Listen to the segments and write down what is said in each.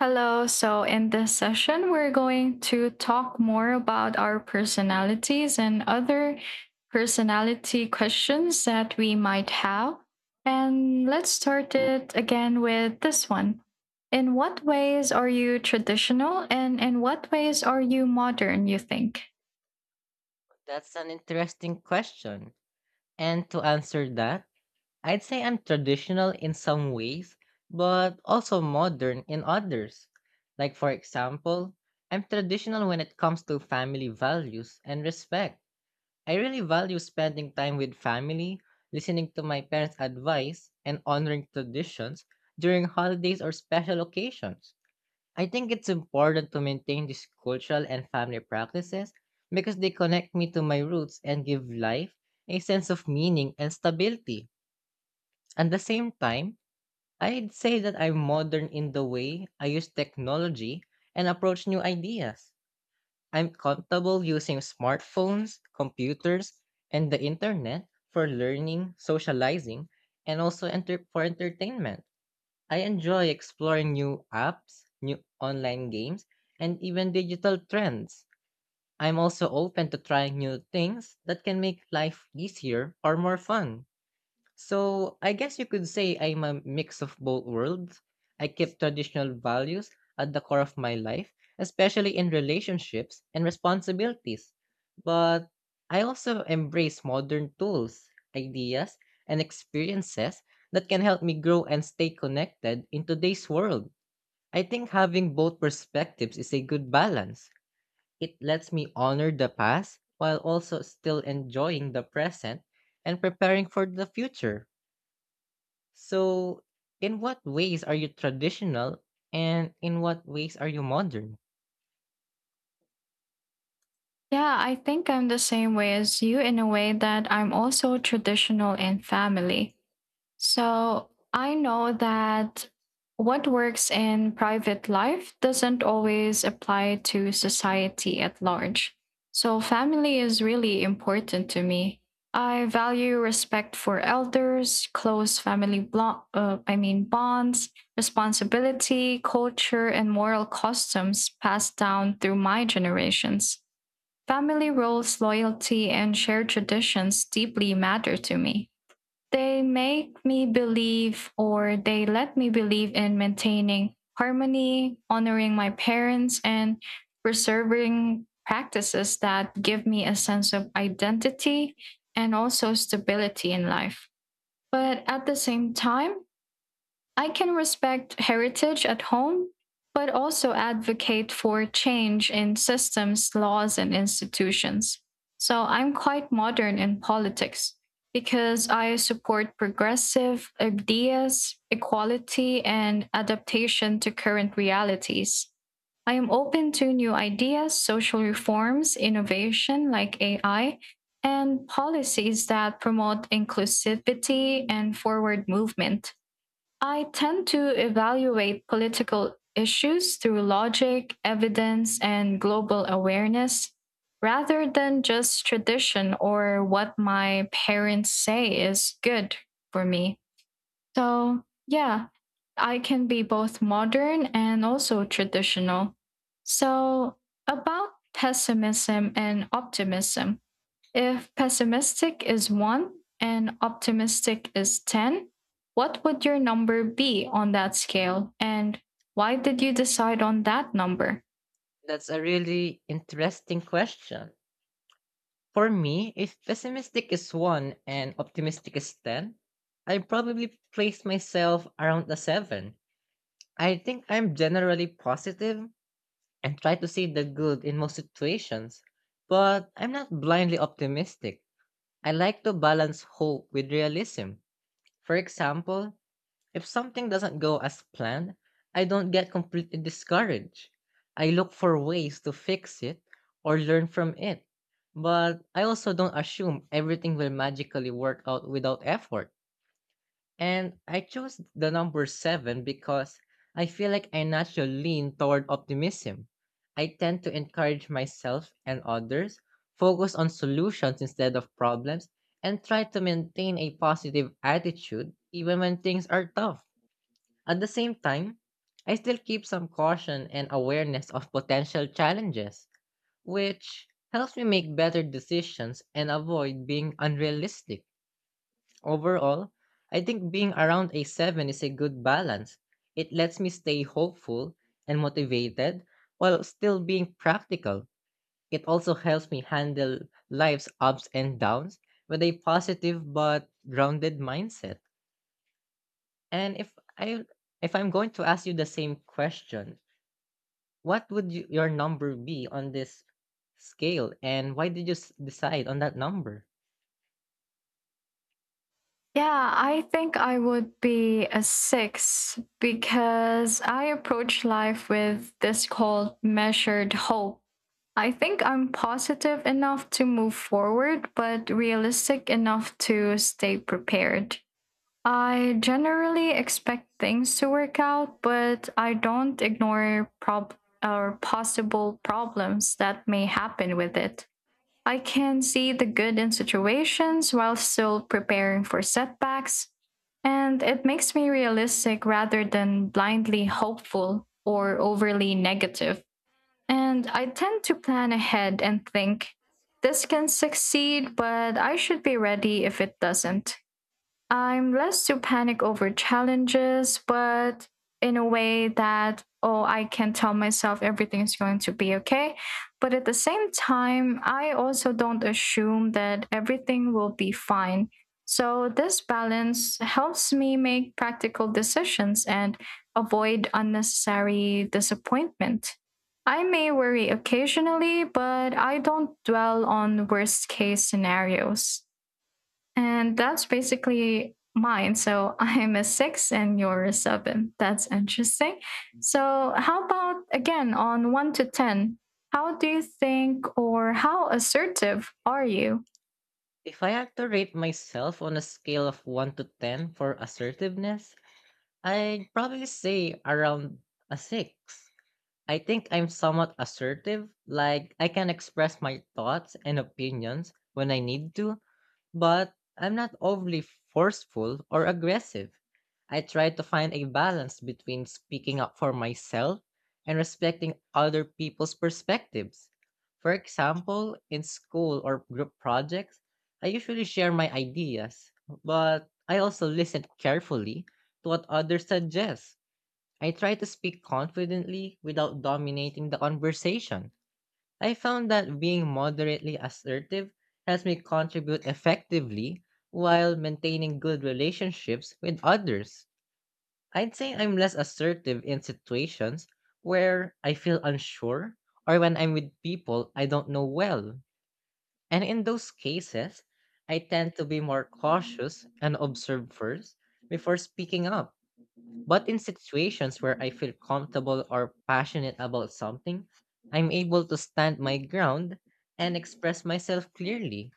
Hello. So, in this session, we're going to talk more about our personalities and other personality questions that we might have. And let's start it again with this one. In what ways are you traditional and in what ways are you modern, you think? That's an interesting question. And to answer that, I'd say I'm traditional in some ways, but also modern in others. Like, for example, I'm traditional when it comes to family values and respect. I really value spending time with family, listening to my parents' advice, and honoring traditions during holidays or special occasions. I think it's important to maintain these cultural and family practices because they connect me to my roots and give life a sense of meaning and stability. At the same time, I'd say that I'm modern in the way I use technology and approach new ideas. I'm comfortable using smartphones, computers, and the internet for learning, socializing, and for entertainment. I enjoy exploring new apps, new online games, and even digital trends. I'm also open to trying new things that can make life easier or more fun. So I guess you could say I'm a mix of both worlds. I keep traditional values at the core of my life, especially in relationships and responsibilities. But I also embrace modern tools, ideas, and experiences that can help me grow and stay connected in today's world. I think having both perspectives is a good balance. It lets me honor the past while also still enjoying the present and preparing for the future. So, in what ways are you traditional and in what ways are you modern? Yeah, I think I'm the same way as you in a way that I'm also traditional in family. So I know that what works in private life doesn't always apply to society at large. So family is really important to me. I value respect for elders, close family, I mean bonds, responsibility, culture and moral customs passed down through my generations. Family roles, loyalty and shared traditions deeply matter to me. They make me believe or they let me believe in maintaining harmony, honoring my parents, and preserving practices that give me a sense of identity and also stability in life. But at the same time, I can respect heritage at home, but also advocate for change in systems, laws, and institutions. So I'm quite modern in politics because I support progressive ideas, equality, and adaptation to current realities. I am open to new ideas, social reforms, innovation like AI, and policies that promote inclusivity and forward movement. I tend to evaluate political issues through logic, evidence, and global awareness rather than just tradition or what my parents say is good for me. So, yeah, I can be both modern and also traditional. So, about pessimism and optimism. If pessimistic is 1 and optimistic is 10, what would your number be on that scale? And why did you decide on that number? That's a really interesting question. For me, if pessimistic is 1 and optimistic is 10, I probably place myself around a 7. I think I'm generally positive and try to see the good in most situations, but I'm not blindly optimistic. I like to balance hope with realism. For example, if something doesn't go as planned, I don't get completely discouraged. I look for ways to fix it or learn from it. But I also don't assume everything will magically work out without effort. And I chose the number seven because I feel like I naturally lean toward optimism. I tend to encourage myself and others, focus on solutions instead of problems, and try to maintain a positive attitude even when things are tough. At the same time, I still keep some caution and awareness of potential challenges, which helps me make better decisions and avoid being unrealistic. Overall, I think being around a 7 is a good balance. It lets me stay hopeful and motivated while still being practical. It also helps me handle life's ups and downs with a positive but grounded mindset. And if I'm going to ask you the same question, what would you, your number be on this scale and why did you decide on that number? Yeah, I think I would be a 6 because I approach life with this called measured hope. I think I'm positive enough to move forward, but realistic enough to stay prepared. I generally expect things to work out, but I don't ignore or possible problems that may happen with it. I can see the good in situations while still preparing for setbacks, and it makes me realistic rather than blindly hopeful or overly negative. And I tend to plan ahead and think, this can succeed, but I should be ready if it doesn't. I'm less to panic over challenges, but in a way that, oh, I can tell myself everything's going to be okay. But at the same time, I also don't assume that everything will be fine. So this balance helps me make practical decisions and avoid unnecessary disappointment. I may worry occasionally, but I don't dwell on worst case scenarios. And that's basically mine. So I'm a 6 and you're a 7. That's interesting. So, how about again on one to 10? How do you think or how assertive are you? If I had to rate myself on a scale of 1 to 10 for assertiveness, I'd probably say around a 6. I think I'm somewhat assertive, like I can express my thoughts and opinions when I need to, but I'm not overly forceful or aggressive. I try to find a balance between speaking up for myself and respecting other people's perspectives. For example, in school or group projects, I usually share my ideas, but I also listen carefully to what others suggest. I try to speak confidently without dominating the conversation. I found that being moderately assertive helps me contribute effectively while maintaining good relationships with others. I'd say I'm less assertive in situations where I feel unsure or when I'm with people I don't know well. And in those cases, I tend to be more cautious and observe first before speaking up. But in situations where I feel comfortable or passionate about something, I'm able to stand my ground and express myself clearly.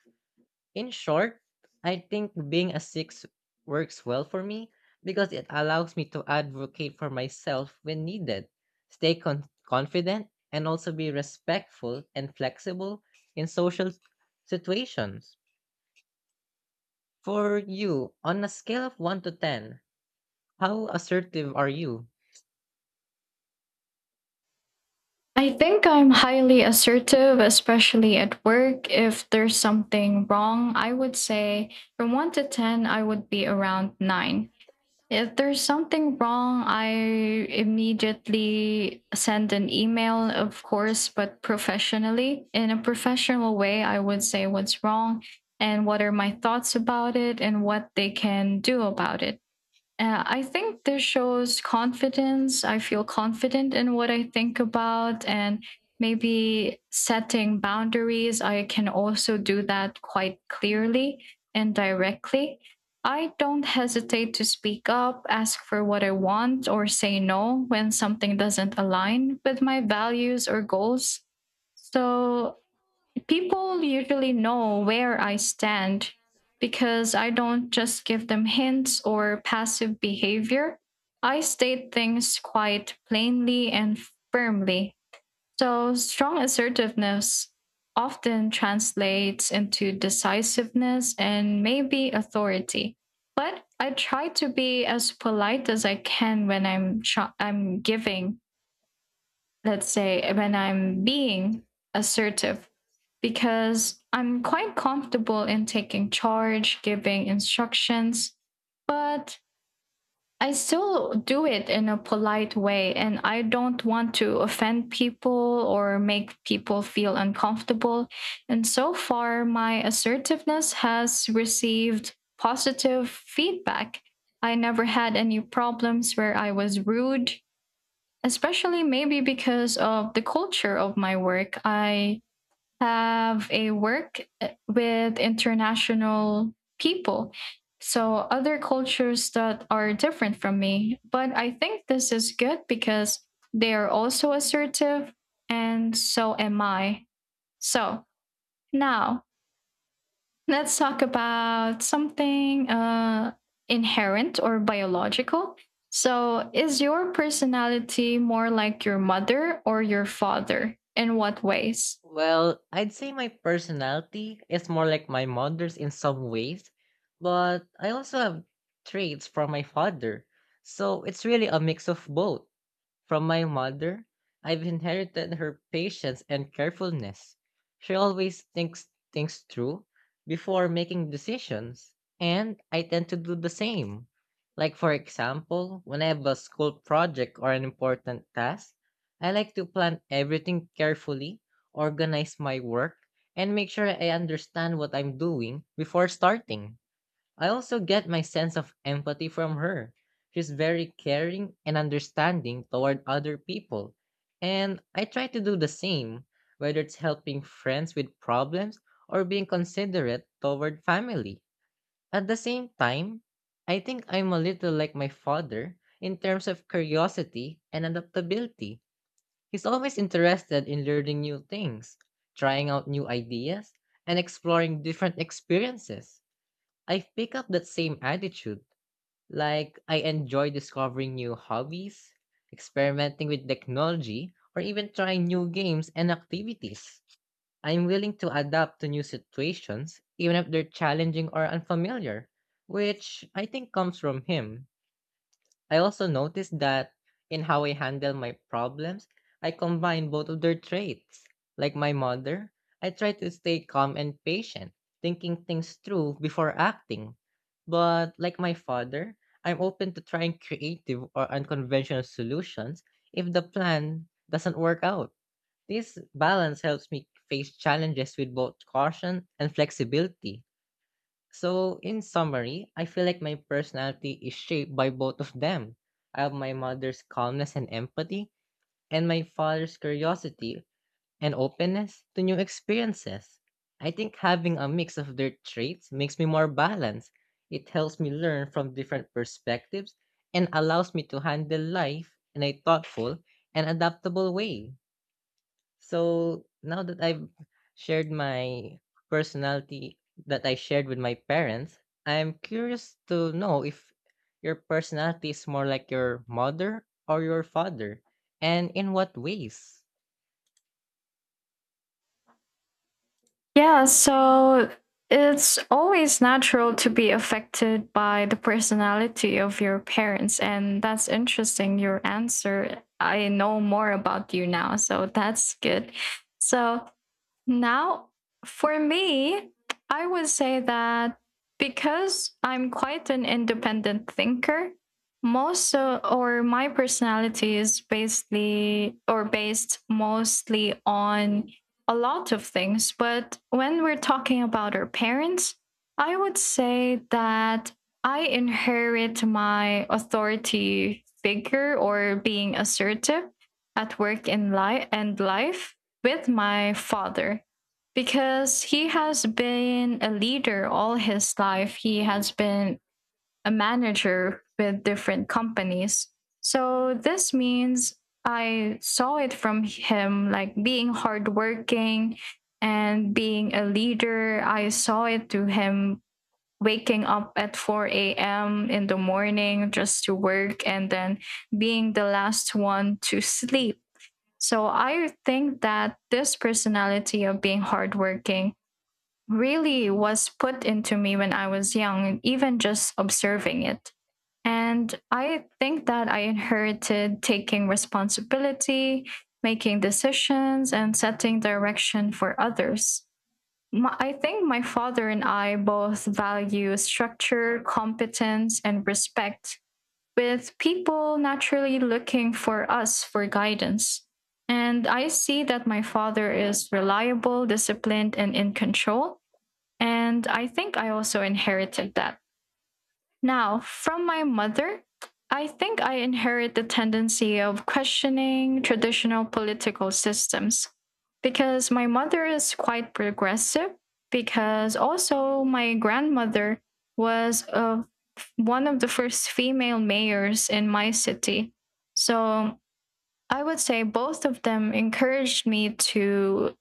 In short, I think being a six works well for me because it allows me to advocate for myself when needed, stay confident, and also be respectful and flexible in social situations. For you, on a scale of 1 to 10, how assertive are you? I think I'm highly assertive, especially at work. If there's something wrong, I would say from one to 10, I would be around 9. If there's something wrong, I immediately send an email, of course, but professionally. In a professional way, I would say what's wrong and what are my thoughts about it and what they can do about it. I think this shows confidence. I feel confident in what I think about and maybe setting boundaries. I can also do that quite clearly and directly. I don't hesitate to speak up, ask for what I want, or say no when something doesn't align with my values or goals. So people usually know where I stand because I don't just give them hints or passive behavior. I state things quite plainly and firmly. So, strong assertiveness often translates into decisiveness and maybe authority. But I try to be as polite as I can when I'm giving, let's say, when I'm being assertive, because I'm quite comfortable in taking charge, giving instructions, but I still do it in a polite way and I don't want to offend people or make people feel uncomfortable. And so far, my assertiveness has received positive feedback. I never had any problems where I was rude, especially maybe because of the culture of my work. I have a work with international people. So, other cultures that are different from me. But I think this is good because they are also assertive, and so am I. So, now let's talk about something inherent or biological. So, is your personality more like your mother or your father? In what ways? Well, I'd say my personality is more like my mother's in some ways, but I also have traits from my father. So it's really a mix of both. From my mother, I've inherited her patience and carefulness. She always thinks things through before making decisions, and I tend to do the same. Like, for example, when I have a school project or an important task, I like to plan everything carefully, organize my work, and make sure I understand what I'm doing before starting. I also get my sense of empathy from her. She's very caring and understanding toward other people. And I try to do the same, whether it's helping friends with problems or being considerate toward family. At the same time, I think I'm a little like my father in terms of curiosity and adaptability. He's always interested in learning new things, trying out new ideas, and exploring different experiences. I've picked up that same attitude. Like, I enjoy discovering new hobbies, experimenting with technology, or even trying new games and activities. I'm willing to adapt to new situations, even if they're challenging or unfamiliar, which I think comes from him. I also noticed that in how I handle my problems, I combine both of their traits. Like my mother, I try to stay calm and patient, thinking things through before acting. But like my father, I'm open to trying creative or unconventional solutions if the plan doesn't work out. This balance helps me face challenges with both caution and flexibility. So, in summary, I feel like my personality is shaped by both of them. I have my mother's calmness and empathy, and my father's curiosity and openness to new experiences. I think having a mix of their traits makes me more balanced. It helps me learn from different perspectives and allows me to handle life in a thoughtful and adaptable way. So, now that I've shared my personality that I shared with my parents, I'm curious to know if your personality is more like your mother or your father, and in what ways? Yeah, so it's always natural to be affected by the personality of your parents. And that's interesting, your answer. I know more about you now, so that's good. So, now, for me, I would say that because I'm quite an independent thinker, most or my personality is basically or based mostly on a lot of things. But when we're talking about our parents, I would say that I inherit my authority figure or being assertive at work in life and life with my father because he has been a leader all his life. He has been a manager with different companies. So this means I saw it from him like being hardworking and being a leader. I saw it to him waking up at 4 a.m. in the morning just to work and then being the last one to sleep. So I think that this personality of being hardworking really was put into me when I was young, and even just observing it. And I think that I inherited taking responsibility, making decisions, and setting direction for others. I think my father and I both value structure, competence, and respect, with people naturally looking for us for guidance. And I see that my father is reliable, disciplined, and in control. And I think I also inherited that. Now, from my mother, I think I inherit the tendency of questioning traditional political systems because my mother is quite progressive, because also my grandmother was of one of the first female mayors in my city. So I would say both of them encouraged me to,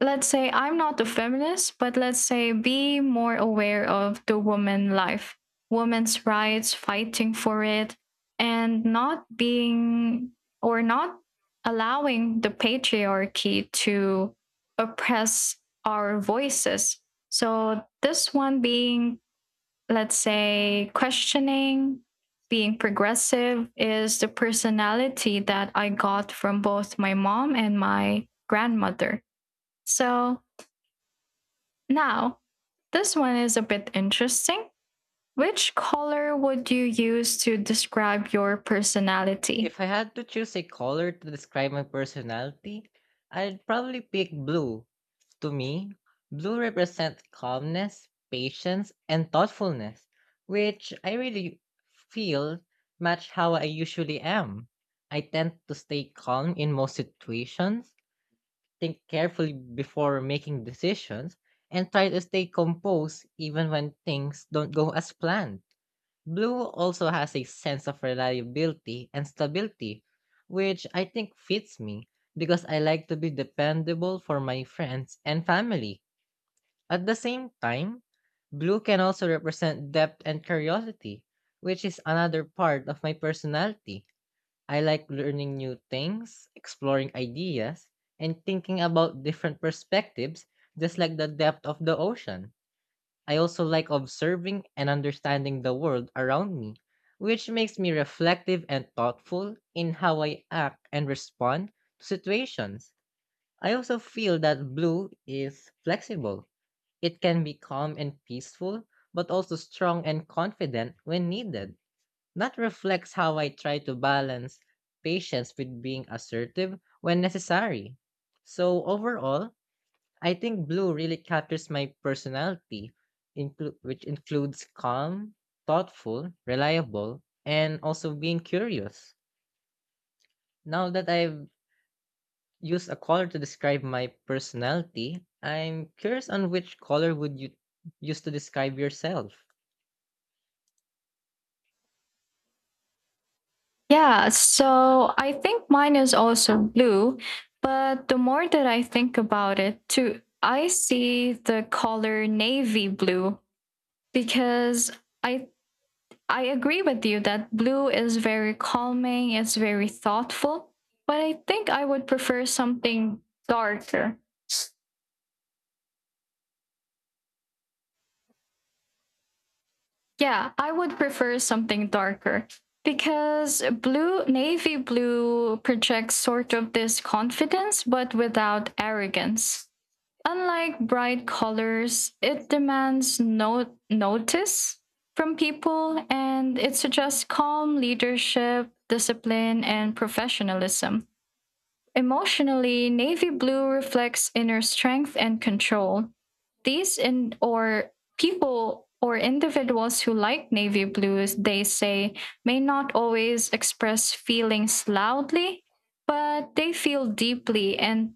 let's say, I'm not a feminist, but let's say be more aware of the woman life, women's rights, fighting for it, and not being or not allowing the patriarchy to oppress our voices. So this one being, let's say, questioning, being progressive is the personality that I got from both my mom and my grandmother. So now, this one is a bit interesting. Which color would you use to describe your personality? If I had to choose a color to describe my personality, I'd probably pick blue. To me, blue represents calmness, patience, and thoughtfulness, which I really feel match how I usually am. I tend to stay calm in most situations, think carefully before making decisions, and try to stay composed even when things don't go as planned. Blue also has a sense of reliability and stability, which I think fits me because I like to be dependable for my friends and family. At the same time, blue can also represent depth and curiosity, which is another part of my personality. I like learning new things, exploring ideas, and thinking about different perspectives, just like the depth of the ocean. I also like observing and understanding the world around me, which makes me reflective and thoughtful in how I act and respond to situations. I also feel that blue is flexible. It can be calm and peaceful, but also strong and confident when needed. That reflects how I try to balance patience with being assertive when necessary. So, overall, I think blue really captures my personality, which includes calm, thoughtful, reliable, and also being curious. Now that I've used a color to describe my personality, I'm curious on which color would you use to describe yourself? Yeah, so I think mine is also blue, but the more that I think about it, too, I see the color navy blue because I I agree with you that blue is very calming, it's very thoughtful, but I think I would prefer something darker. Yeah, I would prefer something darker because blue, navy blue projects sort of this confidence but without arrogance. Unlike bright colors, it demands no notice from people and it suggests calm leadership, discipline, and professionalism. Emotionally, navy blue reflects inner strength and control. These in or people or individuals who like navy blues, they say, may not always express feelings loudly, but they feel deeply. And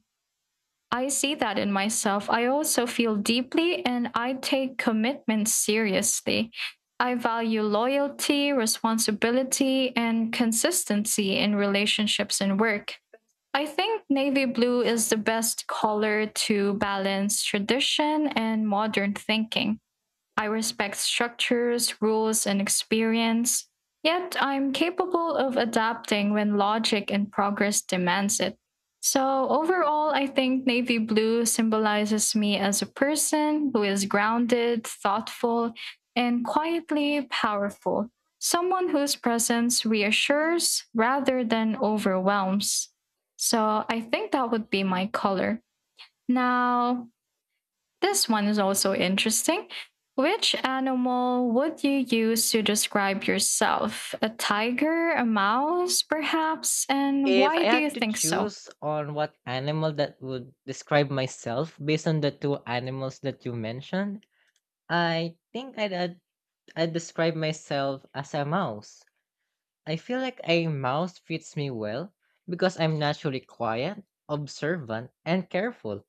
I see that in myself. I also feel deeply and I take commitment seriously. I value loyalty, responsibility, and consistency in relationships and work. I think navy blue is the best color to balance tradition and modern thinking. I respect structures, rules, and experience, yet I'm capable of adapting when logic and progress demands it. So, overall, I think navy blue symbolizes me as a person who is grounded, thoughtful, and quietly powerful. Someone whose presence reassures rather than overwhelms. So, I think that would be my color. Now, this one is also interesting. Which animal would you use to describe yourself? A tiger, a mouse, perhaps? And If why I do you had to think so? choose on what animal that would describe myself based on the two animals that you mentioned, I think I'd describe myself as a mouse. I feel like a mouse fits me well because I'm naturally quiet, observant, and careful.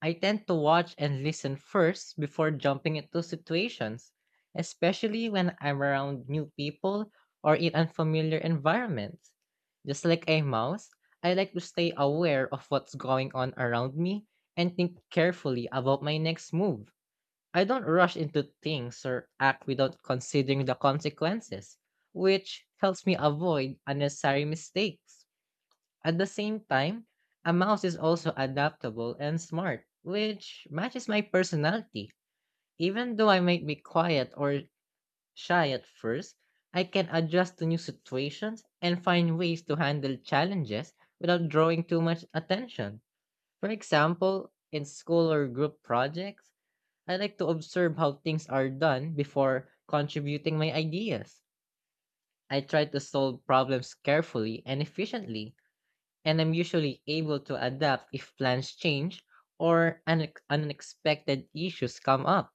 I tend to watch and listen first before jumping into situations, especially when I'm around new people or in unfamiliar environments. Just like a mouse, I like to stay aware of what's going on around me and think carefully about my next move. I don't rush into things or act without considering the consequences, which helps me avoid unnecessary mistakes. At the same time, a mouse is also adaptable and smart, which matches my personality. Even though I might be quiet or shy at first, I can adjust to new situations and find ways to handle challenges without drawing too much attention. For example, in school or group projects, I like to observe how things are done before contributing my ideas. I try to solve problems carefully and efficiently and I'm usually able to adapt if plans change or unexpected issues come up.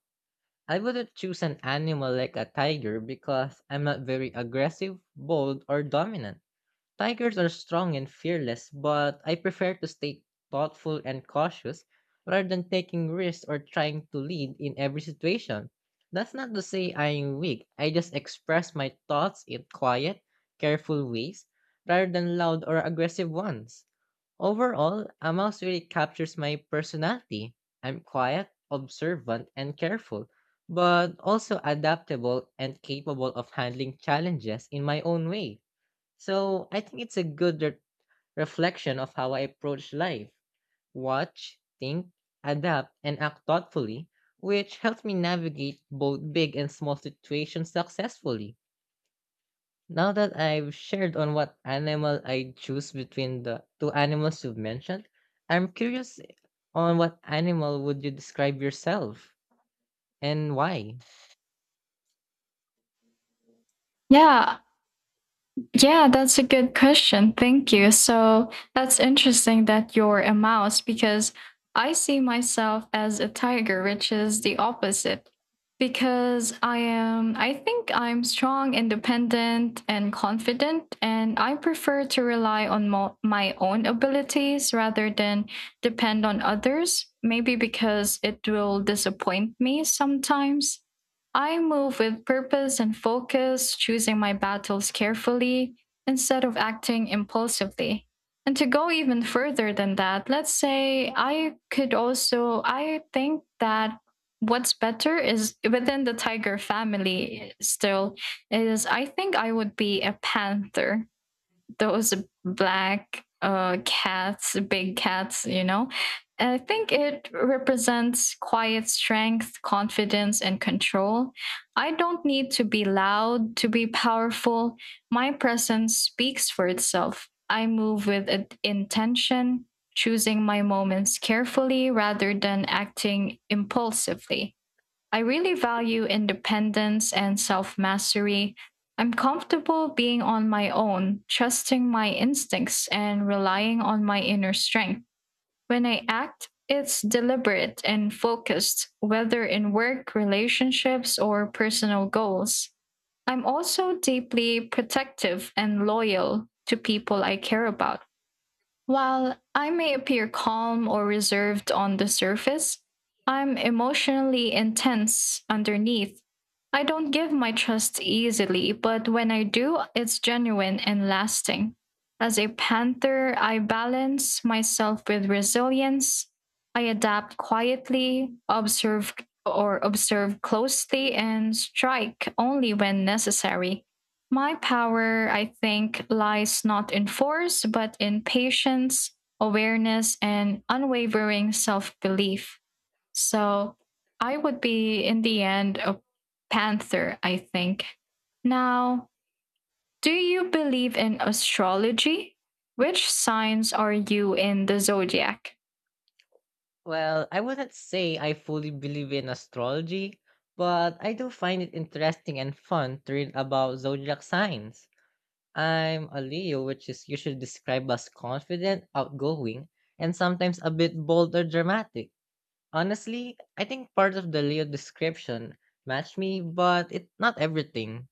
I wouldn't choose an animal like a tiger because I'm not very aggressive, bold, or dominant. Tigers are strong and fearless, but I prefer to stay thoughtful and cautious rather than taking risks or trying to lead in every situation. That's not to say I'm weak. I just express my thoughts in quiet, careful ways rather than loud or aggressive ones. Overall, a mouse really captures my personality. I'm quiet, observant, and careful, but also adaptable and capable of handling challenges in my own way. So I think it's a good reflection of how I approach life. Watch, think, adapt, and act thoughtfully, which helps me navigate both big and small situations successfully. Now that I've shared on what animal I choose between the two animals you've mentioned, I'm curious on what animal would you describe yourself and why? Yeah, Yeah, that's a good question. Thank you. So that's interesting that you're a mouse because I see myself as a tiger, which is the opposite. Because I am, I think I'm strong, independent, and confident, and I prefer to rely on my own abilities rather than depend on others. Maybe because it will disappoint me sometimes. I move with purpose and focus, choosing my battles carefully instead of acting impulsively. And to go even further than that, let's say I could also, I think that what's better is within the tiger family still is I think I would be a panther, those black cats, big cats, you know. I think it represents quiet strength, confidence, and control. I don't need to be loud to be powerful. My presence speaks for itself. I move with intention, choosing my moments carefully rather than acting impulsively. I really value independence and self mastery. I'm comfortable being on my own, trusting my instincts, and relying on my inner strength. When I act, it's deliberate and focused, whether in work, relationships, or personal goals. I'm also deeply protective and loyal to people I care about. While I may appear calm or reserved on the surface, I'm emotionally intense underneath. I don't give my trust easily, but when I do, it's genuine and lasting. As a panther, I balance myself with resilience. I adapt quietly, observe closely, and strike only when necessary. My power, I think, lies not in force, but in patience, awareness, and unwavering self belief. So I would be, in the end, a panther, I think. Now, do you believe in astrology? Which signs are you in the zodiac? Well, I wouldn't say I fully believe in astrology, but I do find it interesting and fun to read about zodiac signs. I'm a Leo, which is usually described as confident, outgoing, and sometimes a bit bold or dramatic. Honestly, I think part of the Leo description matched me, but it not everything.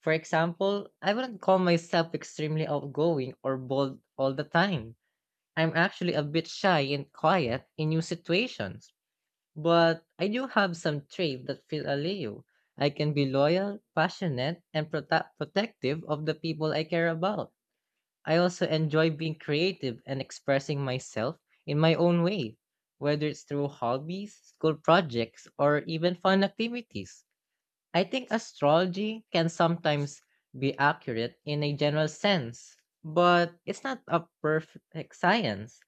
For example, I wouldn't call myself extremely outgoing or bold all the time. I'm actually a bit shy and quiet in new situations. But I do have some traits that feel a Leo. I can be loyal, passionate, and protective of the people I care about. I also enjoy being creative and expressing myself in my own way, whether it's through hobbies, school projects, or even fun activities. I think astrology can sometimes be accurate in a general sense, but it's not a perfect science.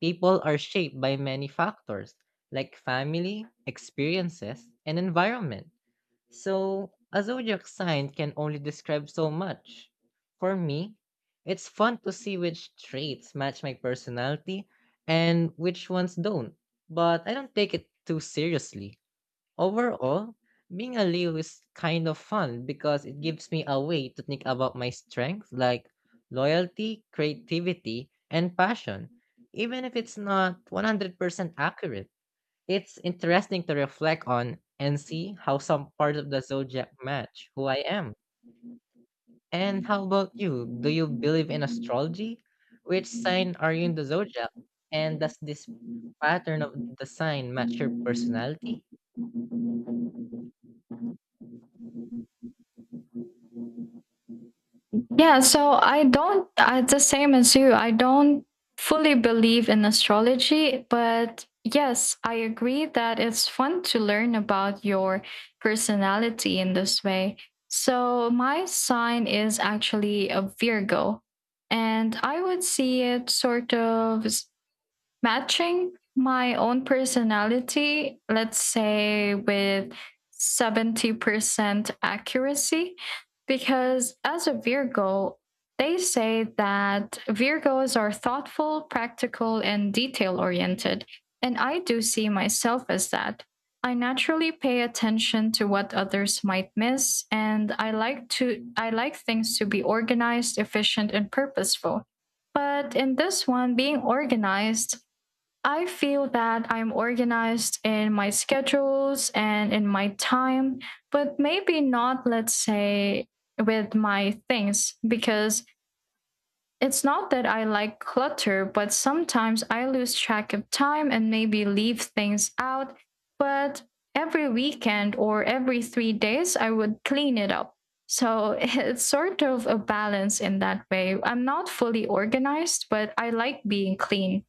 People are shaped by many factors, like family, experiences, and environment. So, a zodiac sign can only describe so much. For me, it's fun to see which traits match my personality and which ones don't, but I don't take it too seriously. Overall, being a Leo is kind of fun because it gives me a way to think about my strengths like loyalty, creativity, and passion, even if it's not 100% accurate. It's interesting to reflect on and see how some parts of the zodiac match who I am. And how about you? Do you believe in astrology? Which sign are you in the zodiac? And does this pattern of the sign match your personality? Yeah, so I don't, I, the same as you, I don't fully believe in astrology, but yes, I agree that it's fun to learn about your personality in this way. So my sign is actually a Virgo, and I would see it sort of matching my own personality, let's say with 70% accuracy, because as a Virgo, they say that Virgos are thoughtful, practical, and detail oriented. And I do see myself as that. I naturally pay attention to what others might miss and I like things to be organized, efficient and purposeful. But in this one being organized, I feel that I'm organized in my schedules and in my time, but maybe not, let's say, with my things, because it's not that I like clutter, but sometimes I lose track of time and maybe leave things out. But every weekend or every 3 days, I would clean it up. So it's sort of a balance in that way. I'm not fully organized, but I like being clean.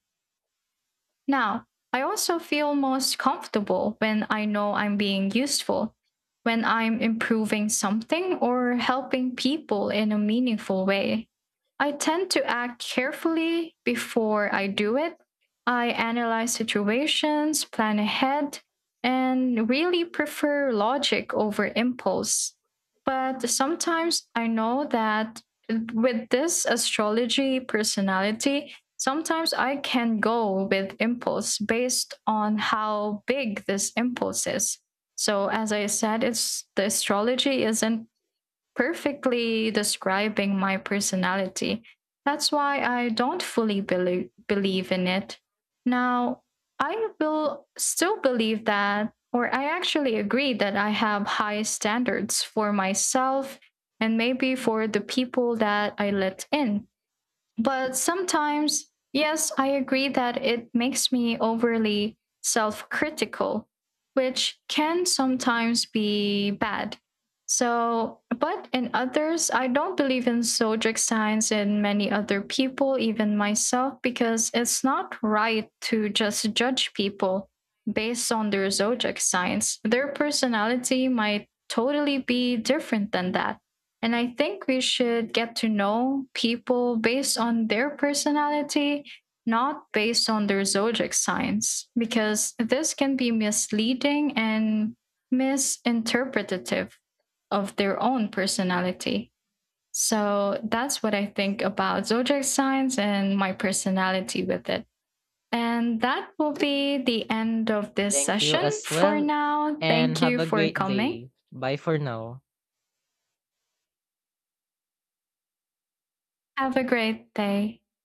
Now, I also feel most comfortable when I know I'm being useful, when I'm improving something or helping people in a meaningful way. I tend to act carefully before I do it. I analyze situations, plan ahead, and really prefer logic over impulse. But sometimes I know that with this astrology personality, sometimes I can go with impulse based on how big this impulse is. So as I said, it's the astrology isn't perfectly describing my personality. That's why I don't fully believe in it. Now, I will still believe that or I actually agree that I have high standards for myself and maybe for the people that I let in, but sometimes, yes, I agree that it makes me overly self critical, which can sometimes be bad. So, but in others, I don't believe in zodiac signs in many other people, even myself, because it's not right to just judge people based on their zodiac signs. Their personality might totally be different than that. And I think we should get to know people based on their personality, not based on their zodiac signs, because this can be misleading and misinterpretative of their own personality. So that's what I think about zodiac signs and my personality with it. And that will be the end of this Thank you session as for well, now. and Thank have you a for great coming. day. Bye for now. Have a great day.